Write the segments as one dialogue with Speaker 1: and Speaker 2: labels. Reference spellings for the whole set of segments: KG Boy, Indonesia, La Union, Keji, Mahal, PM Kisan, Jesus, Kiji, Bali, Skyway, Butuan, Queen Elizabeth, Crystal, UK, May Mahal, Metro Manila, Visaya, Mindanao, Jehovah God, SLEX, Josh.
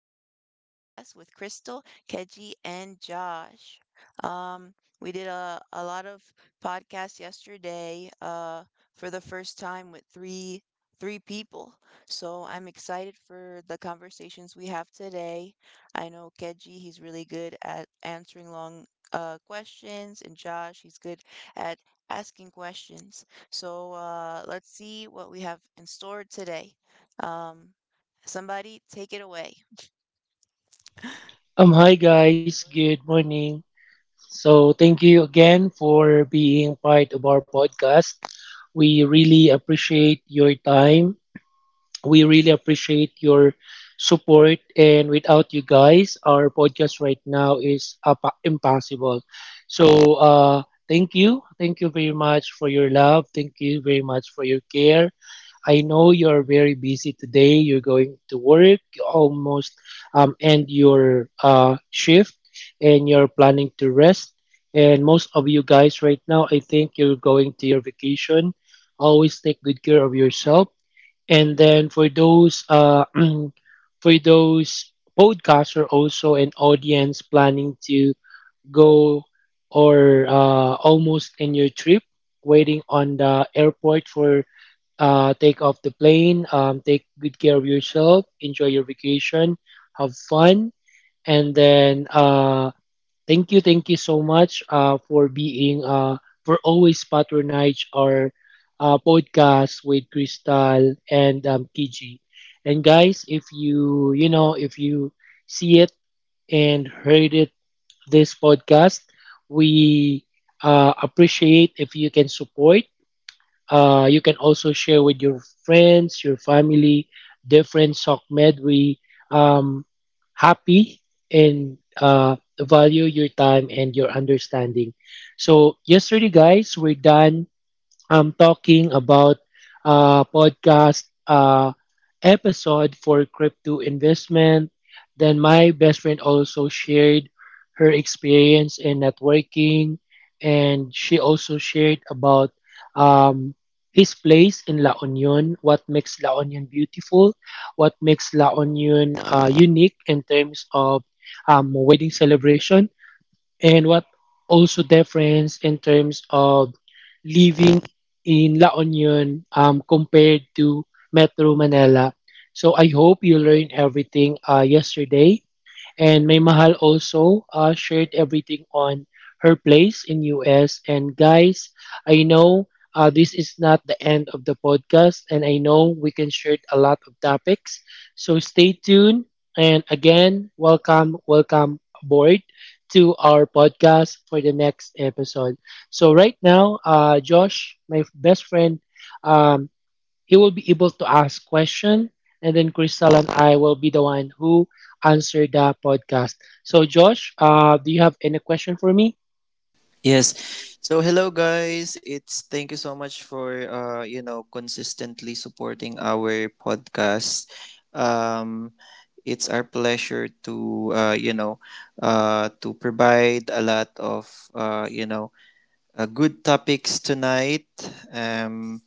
Speaker 1: another podcast with Crystal, Keji, and Josh. Um, we did a lot of podcasts yesterday, for the first time with three people. So I'm excited for the conversations we have today. I know Keji, he's really good at answering long questions, and Josh, he's good at asking questions. So let's see what we have in store today. Um Somebody take it away.
Speaker 2: Hi guys, good morning. So, thank you again for being part of our podcast. We really appreciate your time. We really appreciate your support. And without you guys, our podcast right now is impossible. So, thank you. Thank you very much for your love. Thank you very much for your care. I know you're very busy today. You're going to work, you almost end your shift, and you're planning to rest. And most of you guys right now, I think you're going to your vacation. Always take good care of yourself. And then for those for those podcasts or also an audience planning to go or almost in your trip, waiting on the airport for take off the plane. Take good care of yourself. Enjoy your vacation. Have fun. And then thank you so much for being for always patronage our podcast with Crystal and Kiji. And guys, if you see it and heard it this podcast, we appreciate if you can support. You can also share with your friends, your family, different sock med. We um, happy and value your time and your understanding. So yesterday, guys, we're done I'm talking about a podcast episode for crypto investment. Then my best friend also shared her experience in networking, and she also shared about um, his place in La Union, what makes La Union beautiful, what makes La Union unique in terms of wedding celebration and what also difference in terms of living in La Union compared to Metro Manila. So I hope you learned everything yesterday. And May Mahal also shared everything on her place in US. And guys, I know this is not the end of the podcast, and I know we can share a lot of topics. So stay tuned. And again, welcome, welcome aboard to our podcast for the next episode. So right now, Josh, my best friend, um, he will be able to ask question, and then Crystal and I will be the one who answer the podcast. So Josh, do you have any question for me?
Speaker 3: Yes. So hello guys. It's thank you so much for consistently supporting our podcast. Um it's our pleasure to uh you know to provide a lot of good topics tonight. Um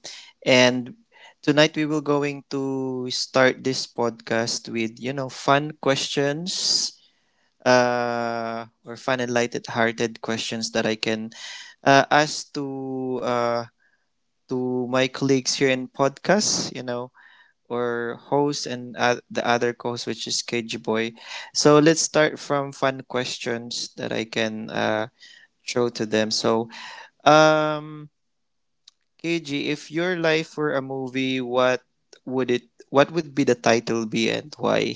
Speaker 3: and tonight we will going to start this podcast with fun questions or fun and lighted hearted questions that I can as to my colleagues here in podcast, or host and the other co-host, which is KG Boy. So let's start from fun questions that I can throw to them. Um, KG, if your life were a movie, what would it? What would be the title be and why?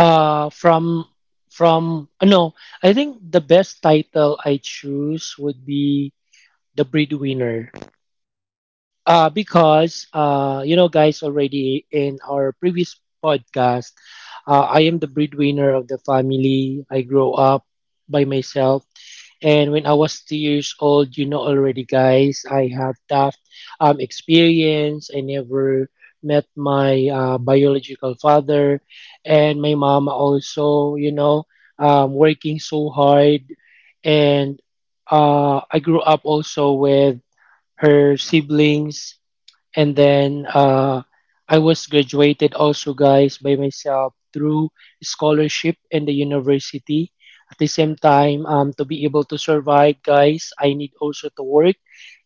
Speaker 2: Uh, from from no, I think the best title I choose would be the breadwinner. Because you know, guys, already in our previous podcast, I am the breadwinner of the family. I grow up by myself. And when I was 2 years old, you know already, guys, I have tough experience. I never met my biological father, and my mama also, you know, working so hard. And I grew up also with her siblings, and then I was graduated also, guys, by myself through scholarship in the university. At the same time, to be able to survive, guys, I need also to work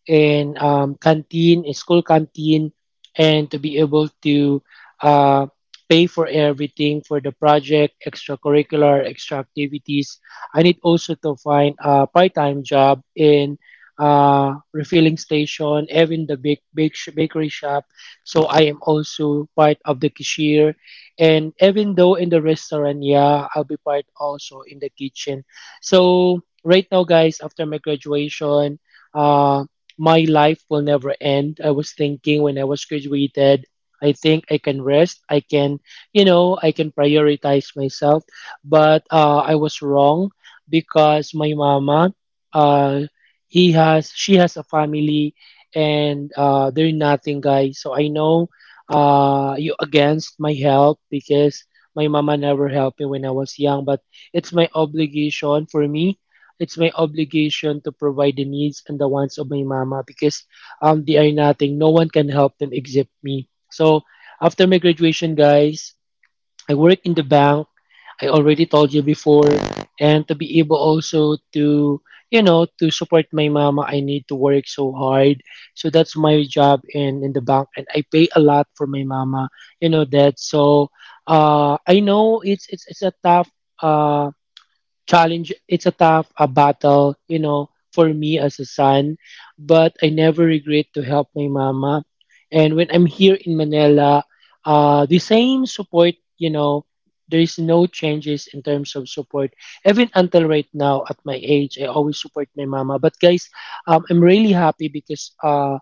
Speaker 2: in canteen, in school canteen, and to be able to uh, pay for everything for the project, extracurricular, extra activities. I need also to find a part-time job in refilling station, even the bakery shop. So I am also part of the cashier, and even though in the restaurant, yeah, I'll be part also in the kitchen. So right now, guys, after my graduation, uh, my life will never end. I was thinking when I was graduated, I think I can rest. I can, you know, I can prioritize myself. But I was wrong because my mama, uh, she has a family, and they're nothing, guys. So I know you against my help because my mama never helped me when I was young. But it's my obligation for me it's my obligation to provide the needs and the wants of my mama because they are nothing. No one can help them except me. So after my graduation, guys, I work in the bank. I already told you before, and to be able also to to support my mama, I need to work so hard. So that's my job in the bank, and I pay a lot for my mama. You know that. So I know it's a tough uh challenge, it's a tough a battle, you know, for me as a son, but I never regret to help my mama. And when I'm here in Manila, the same support, you know, there is no changes in terms of support even until right now. At my age I always support my mama. But guys, I'm really happy because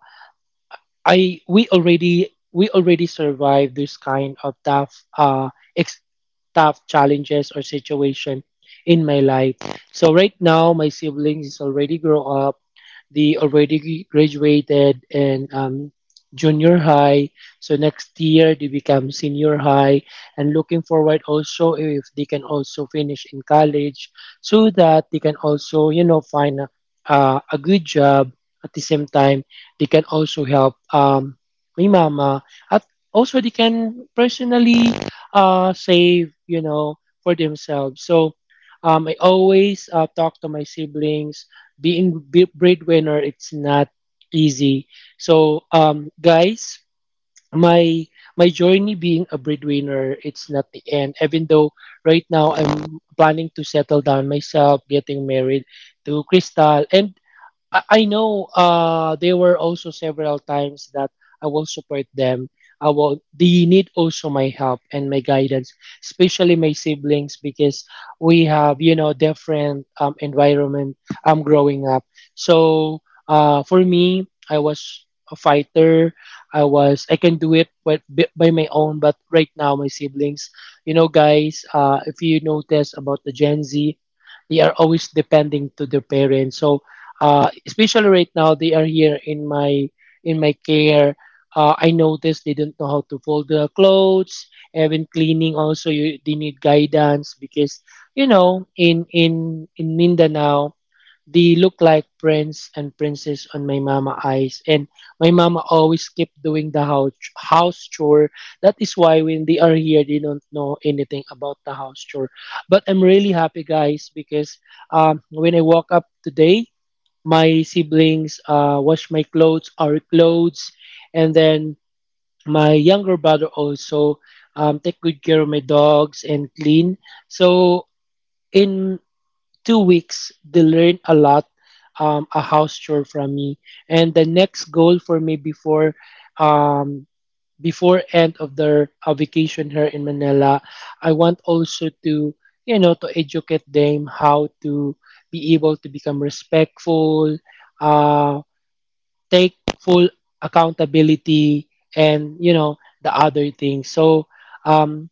Speaker 2: I, we already survived this kind of tough ex- tough challenges or situation in my life. So right now my siblings is already grow up, the already graduated and junior high. So next year they become senior high, and looking forward also if they can also finish in college, so that they can also, you know, find a good job. At the same time, they can also help my mama. At Also they can personally save, you know, for themselves. So I always talk to my siblings, being breadwinner it's not easy. So guys, my my journey being a breadwinner it's not the end. Even though right now I'm planning to settle down myself, getting married to Crystal, and I know there were also several times that I will support them. I will They need also my help and my guidance, especially my siblings, because we have, you know, different environment am growing up. So for me I was a fighter. I can do it by my own. But right now my siblings, you know guys, if you notice about the Gen Z, they are always depending to their parents. So especially right now they are here in my care. I noticed they don't know how to fold the clothes, even cleaning also you, they need guidance because you know in Mindanao they look like prince and princess on my mama eyes, and my mama always keep doing the house chore. That is why when they are here they don't know anything about the house chore. But I'm really happy guys because when I woke up today my siblings wash my clothes, our clothes, and then my younger brother also take good care of my dogs and clean. So in 2 weeks, they learn a lot, a house chore from me. And the next goal for me before um, before end of their vacation here in Manila, I want also to to educate them how to be able to become respectful, uh take full accountability, and you know the other things. So um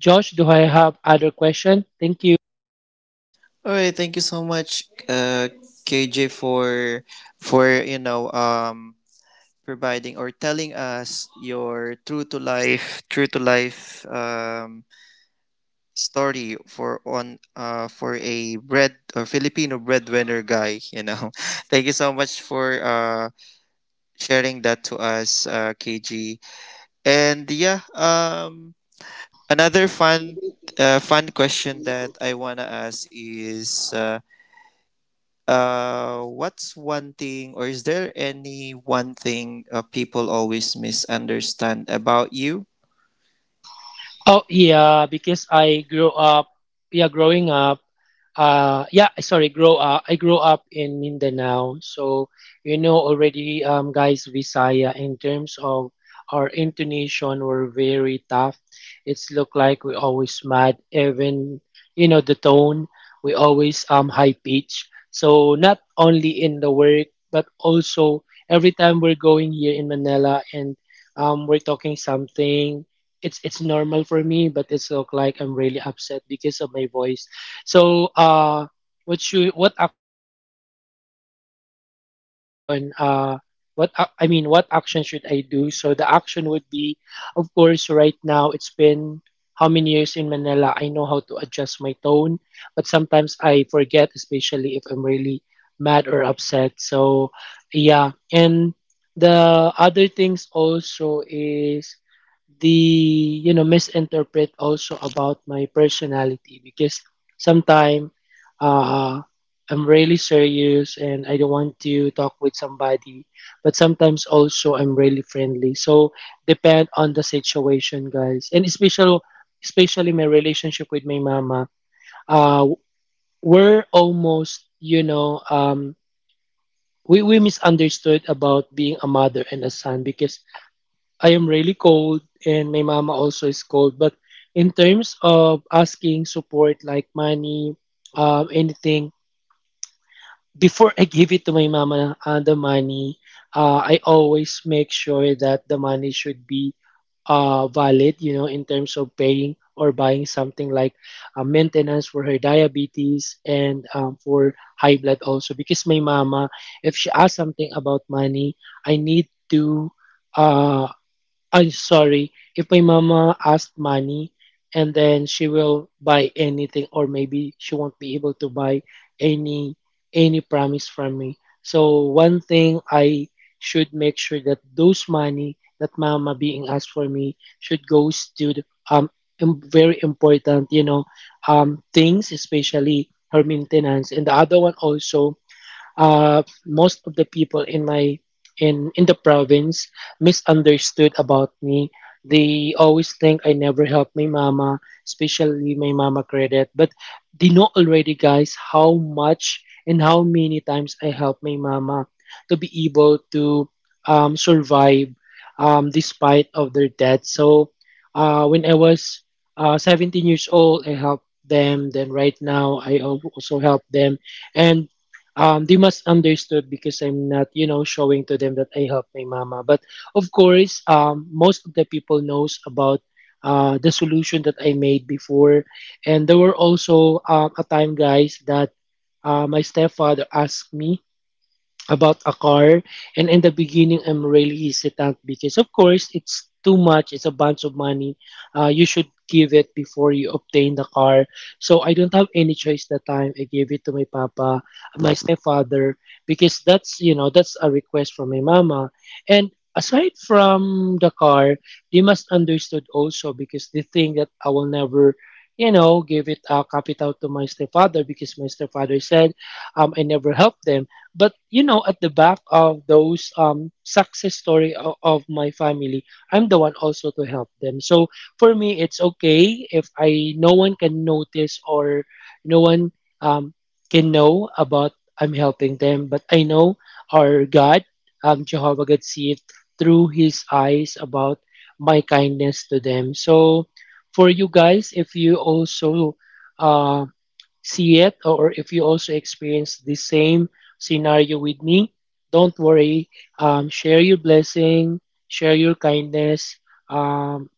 Speaker 2: Josh, do I have other question? Thank you.
Speaker 3: All right, thank you so much, uh, KJ, for for you know um providing or telling us your true to life story for a bread or Filipino breadwinner guy, you know. Thank you so much for sharing that to us, KG. And yeah, another fun question that I wanna ask is what's one thing, or is there any one thing people always misunderstand about you?
Speaker 2: Oh yeah, because I grew up. Yeah, growing up. Sorry, grow up. I grew up in Mindanao, so you know already, guys, Visaya. In terms of our intonation, were very tough. It's look like we always mad, even you know the tone. We always high pitch. So not only in the work, but also every time we're going here in Manila and we're talking something, it's normal for me, but it's look like I'm really upset because of my voice. So what action, you know, what action uh what action should I do? So the action would be, of course, right now it's been how many years in Manila. I know how to adjust my tone, but sometimes I forget, especially if I'm really mad or upset. So yeah. And the other things also is the you know misinterpret also about my personality, because sometimes uh, I'm really serious and I don't want to talk with somebody, but sometimes also I'm really friendly. So depend on the situation, guys, and especially my relationship with my mama. Uh, we're almost you know we misunderstood about being a mother and a son because I am really cold and my mama also is cold. But in terms of asking support like money, anything, before I give it to my mama, I always make sure that the money should be valid, you know, in terms of paying or buying something like maintenance for her diabetes and for high blood also. Because my mama, if she asks something about money, I need to. Uh, I'm sorry, if my mama asked money and then she will buy anything, or maybe she won't be able to buy any any promise from me. So one thing I should make sure that those money that mama being asked for me should goes to the, um very important things, especially her maintenance. And the other one also, most of the people in my in the province misunderstood about me. They always think I never help my mama, especially my mama credit. But they know already, guys, how much and how many times I help my mama to be able to survive, despite of their debt. So when I was 17 years old, I helped them. Then right now, I also help them. And they must understood because I'm not, you know, showing to them that I help my mama. But of course, most of the people knows about the solution that I made before, and there were also a time, guys, that my stepfather asked me about a car. And in the beginning, I'm really hesitant, because of course it's too much, it's a bunch of money. You should give it before you obtain the car. So I don't have any choice that time. I gave it to my papa, my stepfather, because that's, you know, that's a request from my mama. And aside from the car, they must understood also, because they think that I will never, you know, give it a capital to my stepfather, because my stepfather said, I never helped them. But you know, at the back of those success story of my family, I'm the one also to help them. So for me, it's okay if I no one can notice or no one um, can know about I'm helping them. But I know our God, Jehovah God, see it through His eyes about my kindness to them. So for you guys, if you also um. see it, or if you also experience the same scenario with me, don't worry. Share your blessing, share your kindness, um,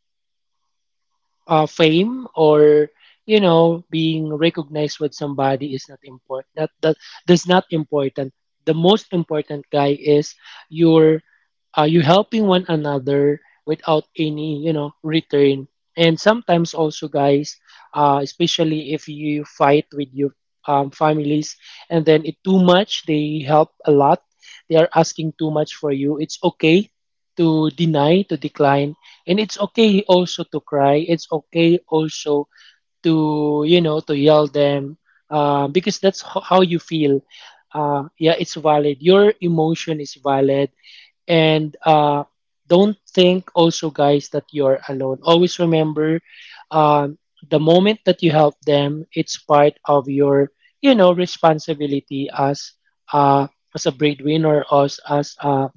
Speaker 2: fame or, you know, being recognized with somebody is not important. That's not important. The most important guy is your, you helping one another without any, you know, return. And sometimes also, guys, especially if you fight with your families, and then it too much, they help a lot, they are asking too much for you, it's okay to deny, to decline. And it's okay also to cry. It's okay also to, you know, to yell them, because that's how you feel. Yeah, it's valid. Your emotion is valid. And don't think also, guys, that you're alone. Always remember, um, the moment that you help them, it's part of your, you know, responsibility as, uh, as a breadwinner, or as a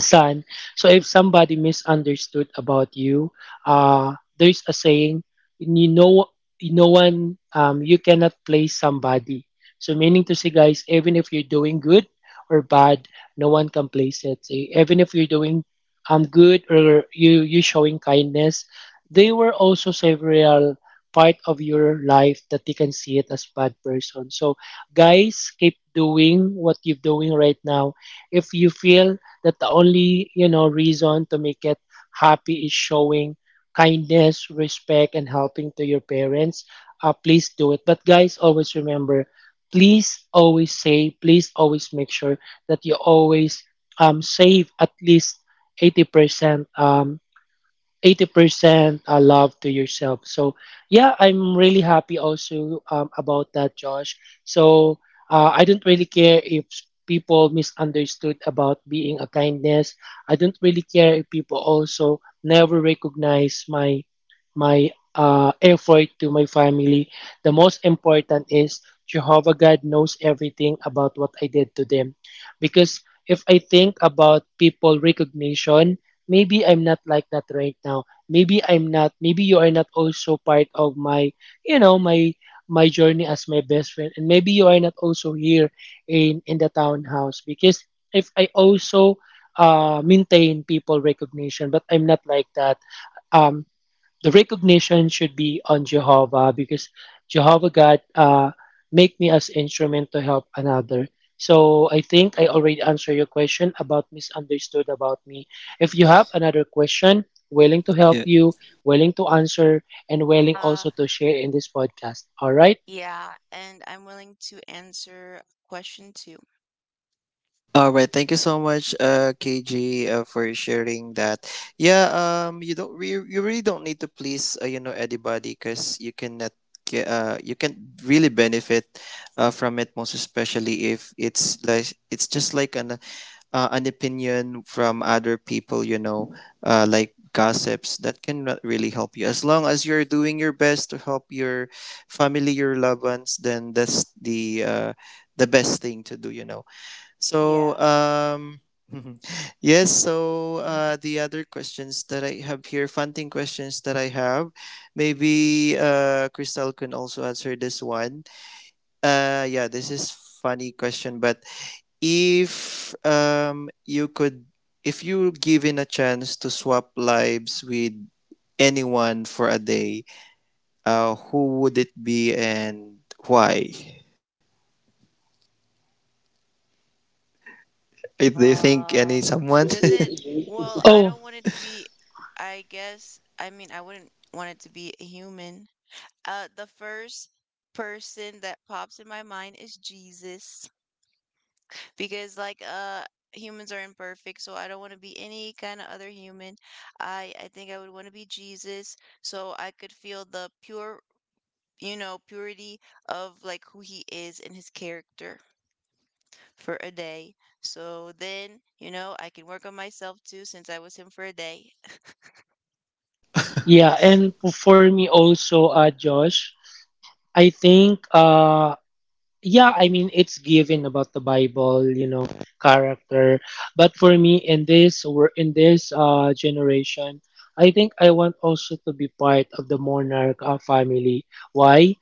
Speaker 2: son. So if somebody misunderstood about you, there's a saying, you know, no one, you cannot place somebody. So meaning to say, guys, even if you're doing good or bad, no one can place it. So even if you're doing good, or you showing kindness, there were also several part of your life that you can see it as bad person. So guys, keep doing what you're doing right now. If you feel that the only, you know, reason to make it happy is showing kindness, respect, and helping to your parents, please do it. But guys, always remember, please always make sure that you always save at least 80% 80% love to yourself. So, yeah, I'm really happy also about that, Josh. So, I don't really care if people misunderstood about being a kindness. I don't really care if people also never recognize my my effort to my family. The most important is Jehovah God knows everything about what I did to them, because if I think about people recognition, maybe I'm not like that right now. Maybe you are not also part of my, you know, my, my journey as my best friend. And maybe you are not also here in the townhouse, because if I also maintain people recognition, but I'm not like that. Um, the recognition should be on Jehovah, because Jehovah God make me as instrument to help another. So I think I already answered your question about misunderstood about me. If you have another question, willing to help
Speaker 3: Yeah.
Speaker 2: you, willing to answer, and willing also
Speaker 1: Uh,
Speaker 2: to share in this podcast. All right.
Speaker 1: yeah, and I'm willing to answer question two.
Speaker 3: All right. Thank you so much, KG, for sharing that. Yeah. You really don't need to please you know, anybody, because you cannot. Ge- you can really benefit from it, most especially if it's it's just like an opinion from other people, you know, like gossips that cannot really help you. As long as you're doing your best to help your family, your loved ones, then that's the best thing to do, you know. So,
Speaker 1: Yeah.
Speaker 3: um, yes. So the other questions that I have here, funding questions that I have, maybe Crystal can also answer this one. Yeah, this is funny question. But if if you were given a chance to swap lives with anyone for a day, who would it be and why? If they think any
Speaker 1: Um,
Speaker 3: someone?
Speaker 1: does it, I
Speaker 2: Oh,
Speaker 1: don't want it to be, I wouldn't want it to be a human. The first person that pops in my mind is Jesus because humans are imperfect, so I don't want to be any kind of other human. I think I would want to be Jesus so I could feel the pure, you know, purity of like who he is and his character for a day. So then, you know, I can work on myself too since I was him for a day.
Speaker 2: yeah, and for me also, Josh, I think yeah, I mean, it's given about the Bible, you know, character. But for me in this, or in this generation, I think I want also to be part of the monarch family. Why?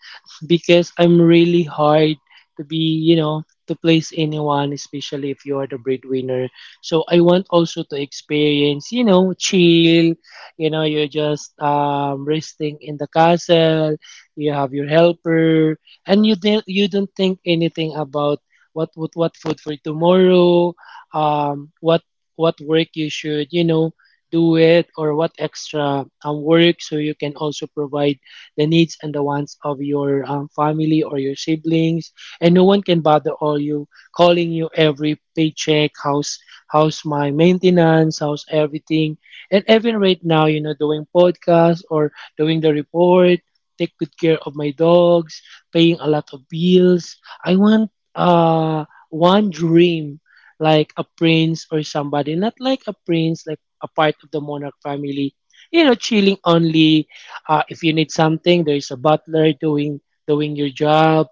Speaker 2: Because I'm really hard to be, you know, to place anyone, especially if you are the breadwinner. So I want also to experience, you know, chill, you know, you're just resting in the castle, you have your helper, and you don't, you don't think anything about what food for tomorrow, um what what work you should, you know, do it, or what extra work, so you can also provide the needs and the wants of your family or your siblings. And no one can bother all you, calling you every paycheck, how's my maintenance, how's everything. And even right now, you know, doing podcast or doing the report, take good care of my dogs, paying a lot of bills. I want uh one dream, like a prince or somebody, not like a prince, like a part of the monarch family. You know, chilling only. If you need something, there is a butler doing your job.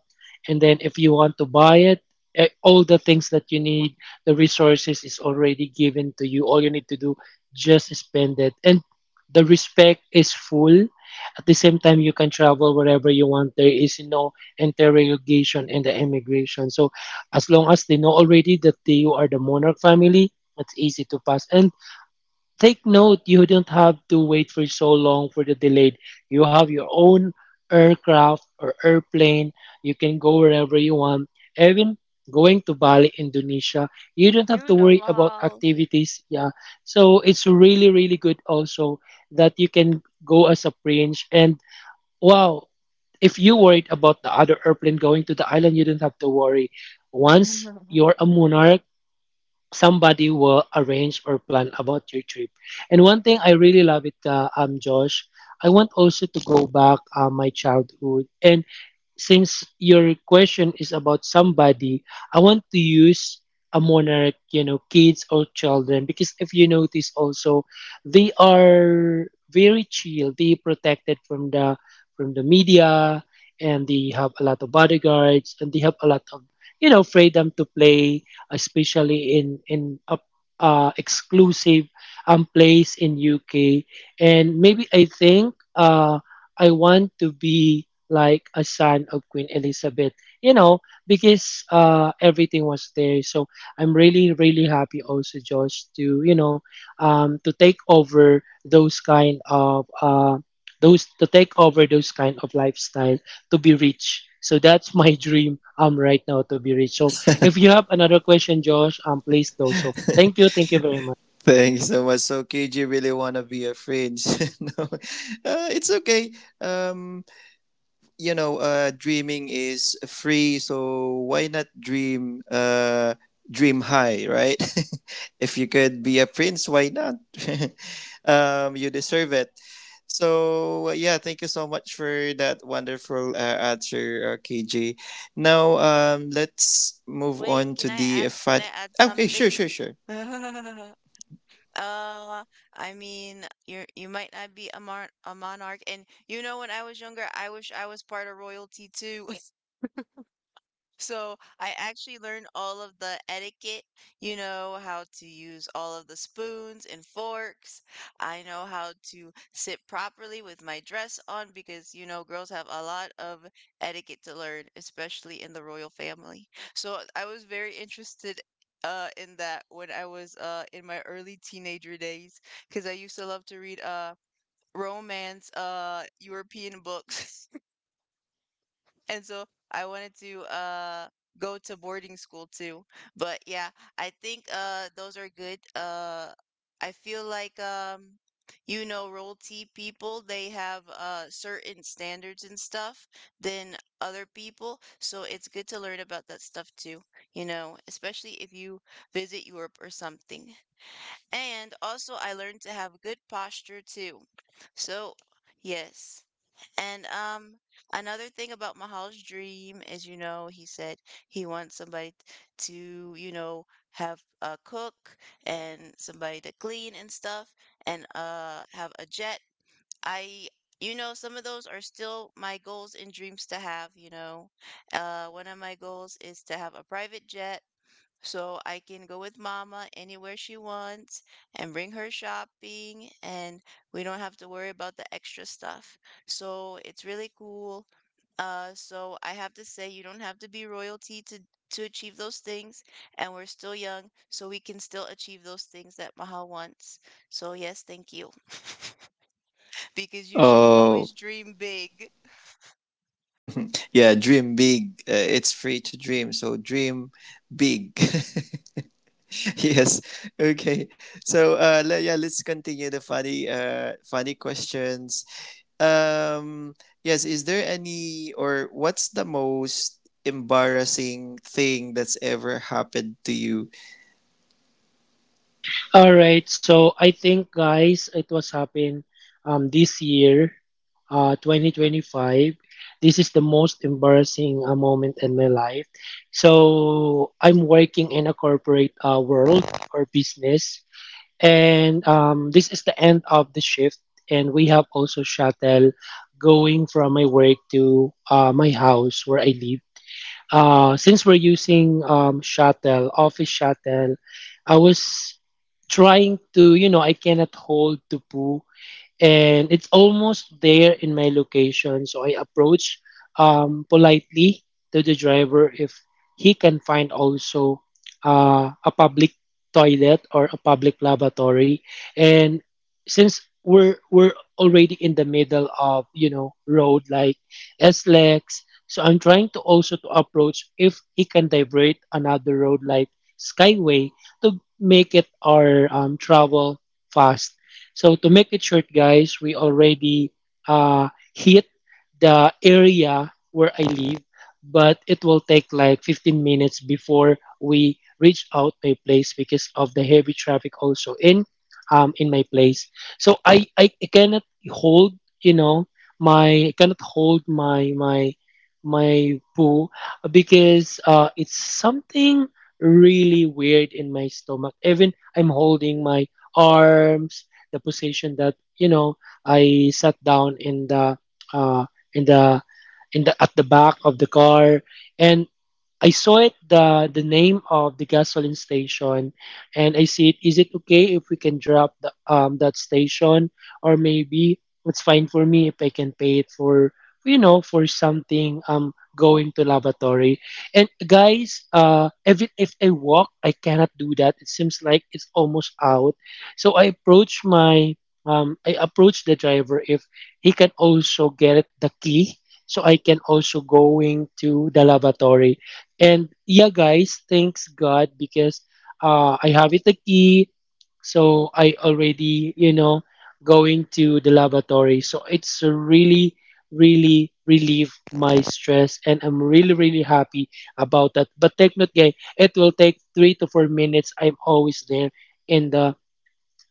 Speaker 2: And then if you want to buy it, eh, all the things that you need, the resources is already given to you. All you need to do, just spend it, and the respect is full. At the same time, you can travel wherever you want. There is no interrogation and the immigration. So as long as they know already that they you are the monarch family, it's easy to pass. And take note, you don't have to wait for so long for the delayed. You have your own aircraft or airplane. You can go wherever you want. Even going to Bali, Indonesia, you don't have
Speaker 1: You
Speaker 2: to
Speaker 1: know,
Speaker 2: worry about
Speaker 1: Mahal.
Speaker 2: activities. Yeah. So it's really, really good also that you can go as a prince. And wow, if you worried about the other airplane going to the island, you don't have to worry. Once you're a monarch, somebody will arrange or plan about your trip. And one thing I really love it, Josh, I want also to go back my childhood. And since your question is about somebody, I want to use a monarch, you know, kids or children, because if you notice also, they are very chill. They protected from the media, and they have a lot of bodyguards, and they have a lot of, you know, freedom to play, especially in a exclusive place in UK. And maybe I think I want to be like a son of Queen Elizabeth, you know, because everything was there. So I'm really, really happy also, Josh, to, you know, to take over those kind of those to take over those kind of lifestyle, to be rich. So that's my dream right now, to be rich. So if you have another question, Josh, please do so. Thank you very much.
Speaker 3: Thank you so much. So KJ really wanna be a fringe. No, it's okay. Um, you know, dreaming is free, so why not dream? Dream high, right? If you could be a prince, why not? You deserve it. So yeah, thank you so much for that wonderful answer, KG. Now, let's move
Speaker 1: Wait,
Speaker 3: on
Speaker 1: can
Speaker 3: to
Speaker 1: I
Speaker 3: the
Speaker 1: add,
Speaker 3: fun. Okay, sure,
Speaker 1: something?
Speaker 3: sure, sure.
Speaker 1: Uh, I mean, you might not be a monarch, and you know, when I was younger, I wish I was part of royalty too. So I actually learned all of the etiquette, you know, how to use all of the spoons and forks. I know how to sit properly with my dress on because, you know, girls have a lot of etiquette to learn, especially in the royal family. So I was very interested in that when I was in my early teenager days because I used to love to read romance European books. And so I wanted to go to boarding school too. But yeah, I think those are good. I feel like you know roll T people, they have certain standards and stuff than other people. So it's good to learn about that stuff too, you know, especially if you visit Europe or something. And also I learned to have good posture too. So yes. And another thing about Mahal's dream is, you know, he said he wants somebody to, you know, have a cook and somebody to clean and stuff and have a jet. I, you know, some of those are still my goals and dreams to have, you know. One of my goals is to have a private jet so I can go with mama anywhere she wants and bring her shopping, and we don't have to worry about the extra stuff. So it's really cool. So I have to say, you don't have to be royalty to achieve those things, and we're still young, so we can still achieve those things that Mahal wants. So yes, thank you. Because you should
Speaker 3: Oh,
Speaker 1: always dream big.
Speaker 3: yeah, dream big. It's free to dream, so dream big. Yes. Okay. So yeah, let's continue the funny questions. Um. Yes. Is there any, or what's the most embarrassing thing that's ever happened to you?
Speaker 2: All right, so I think, guys, it was happened this year, 2025. This is the most embarrassing moment in my life. So I'm working in a corporate world or business, and this is the end of the shift, and we have also shuttle going from my work to my house where I live. Since we're using shuttle, office shuttle, I was trying to, you know, I cannot hold to poo, and it's almost there in my location. So I approach politely to the driver if he can find also a public toilet or a public lavatory. And since we're already in the middle of, you know, road like SLEX, so I'm trying to also to approach if he can divert another road like Skyway to make it our travel fast. So to make it short, guys, we already uh, hit the area where I live, but it will take like 15 minutes before we reach out my place because of the heavy traffic also in my place. So I cannot hold, you know, my I cannot hold my poo, because it's something really weird in my stomach. Even I'm holding my arms the position that I sat down in the uh, in the in the at the back of the car, and I saw it the name of the gasoline station, and I see it. Is it okay if we can drop the that station, or maybe it's fine for me if I can pay it for for something going to lavatory. And guys, even if I walk, I cannot do that. It seems like it's almost out. So I approach the driver if he can also get the key so I can also going to the lavatory. And yeah, guys, thanks God because I have it a key. So I already, going to the laboratory. So it's really, really relieve my stress. And I'm really, really happy about that. But take note, guys, it will take 3 to 4 minutes. I'm always there in the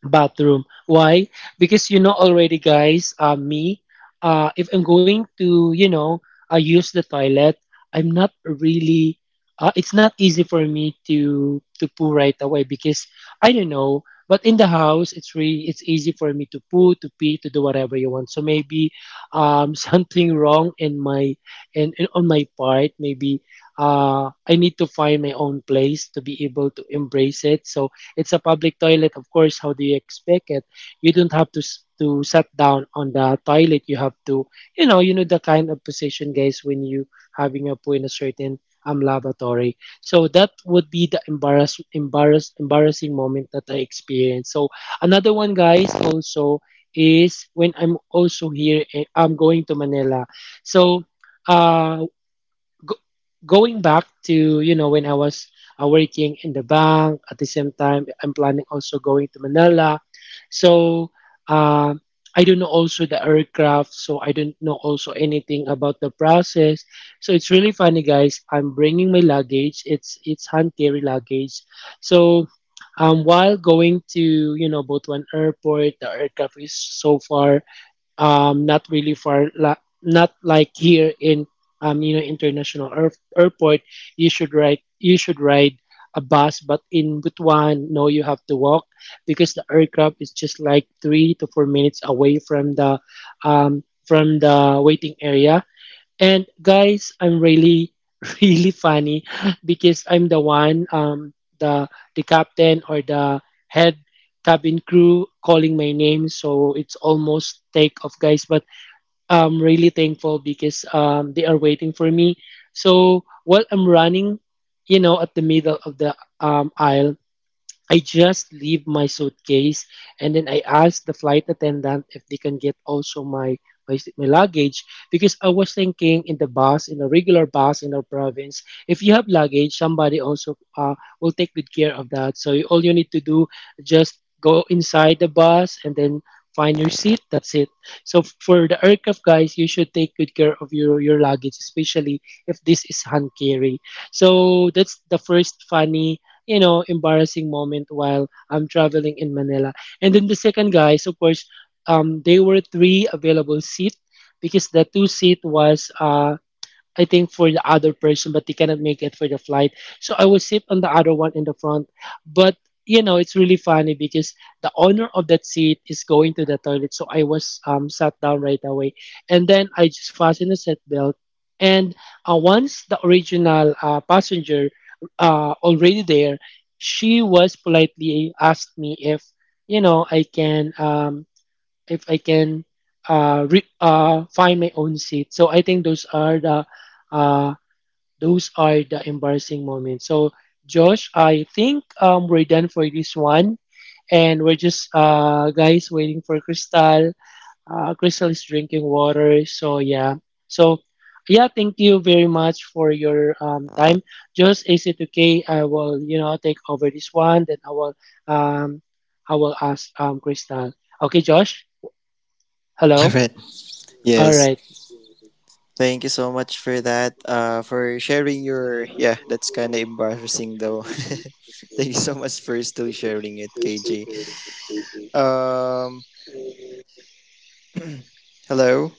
Speaker 2: bathroom. Why? Because you know already, guys. Me, if I'm going to, use the toilet, I'm not really. It's not easy for me to poo right away because I don't know. But in the house, it's really it's easy for me to poo, to pee, to do whatever you want. So maybe something wrong in my in on my part. Maybe I need to find my own place to be able to embrace it. So it's a public toilet, of course. How do you expect it? You don't have to to sat down on the toilet. You have to, you know the kind of position, guys, when you having a poo in a certain lavatory. So that would be the embarrassing moment that I experienced. So another one, guys, also is when I'm also here. I'm going to Manila. So uh go, going back to, you know, when I was working in the bank at the same time I'm planning also going to Manila, so um I don't know also the aircraft, so I don't know also anything about the process. So it's really funny, guys, I'm bringing my luggage, it's hand carry luggage. So while going to, you know, Butuan airport, the aircraft is so far. Not really far, not like here in you know, international airport. You should ride a bus, but in Butuan, no, you have to walk because the aircraft is just like 3 to 4 minutes away from the waiting area. And guys, I'm really, really funny because I'm the one, the the captain or the head cabin crew calling my name. So it's almost take off, guys. But I'm really thankful because they are waiting for me. So while I'm running, you know, at the middle of the aisle, I just leave my suitcase, and then I asked the flight attendant if they can get also my luggage because I was thinking in the bus, in a regular bus in our province, if you have luggage, somebody also will take good care of that, so you, all you need to do just go inside the bus and then find your seat, that's it. So for the aircraft, guys, you should take good care of your luggage, especially if this is hand carry. So that's the first funny, you know, embarrassing moment while I'm traveling in Manila. And then the second, guys, of course, there were three available seats because the two seat was I think for the other person, but they cannot make it for the flight. So I will sit on the other one in the front. But, you know, it's really funny because the owner of that seat is going to the toilet. So I was sat down right away, and then I just fastened the seatbelt. And once the original passenger already there, she was politely asked me if, you know, I can if I can find my own seat. So I think those are the uh, embarrassing moments. So Josh, I think we're done for this one, and we're just guys waiting for Crystal. Crystal is drinking water, so yeah. So yeah, thank you very much for your time. Just is it okay? I will, you know, take over this one, then um, I will ask Crystal. Okay, Josh.
Speaker 3: All
Speaker 2: Hello.
Speaker 3: right.
Speaker 2: All
Speaker 3: Yes.
Speaker 2: right.
Speaker 3: Thank you so much for that. For sharing your, yeah, that's kind of embarrassing though. Thank you so much for still sharing it, KJ. Um, hello.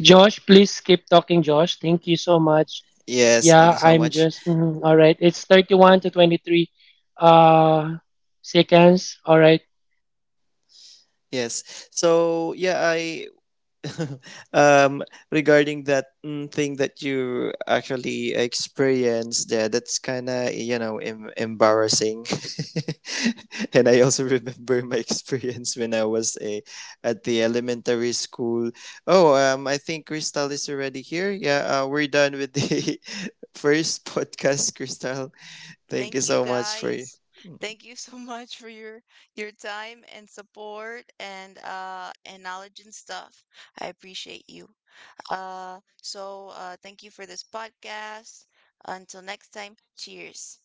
Speaker 2: Josh, please keep talking, Josh. Thank you so much.
Speaker 3: Yes, thank you
Speaker 2: Yeah,
Speaker 3: so
Speaker 2: I'm
Speaker 3: much.
Speaker 2: just mhm. All right. It's 31 to 23 uh seconds. All right.
Speaker 3: Yes. So yeah, I um regarding that thing that you actually experienced there, that's kind of, you know, embarrassing. And I also remember my experience when I was a at the elementary school. Oh, I think Crystal is already here. Yeah, we're done with the first podcast, Crystal. Thank you
Speaker 1: Thank you
Speaker 3: so much for
Speaker 1: guys. Thank you so much for your time and support and knowledge and stuff. I appreciate you. So thank you for this podcast. Until next time, cheers.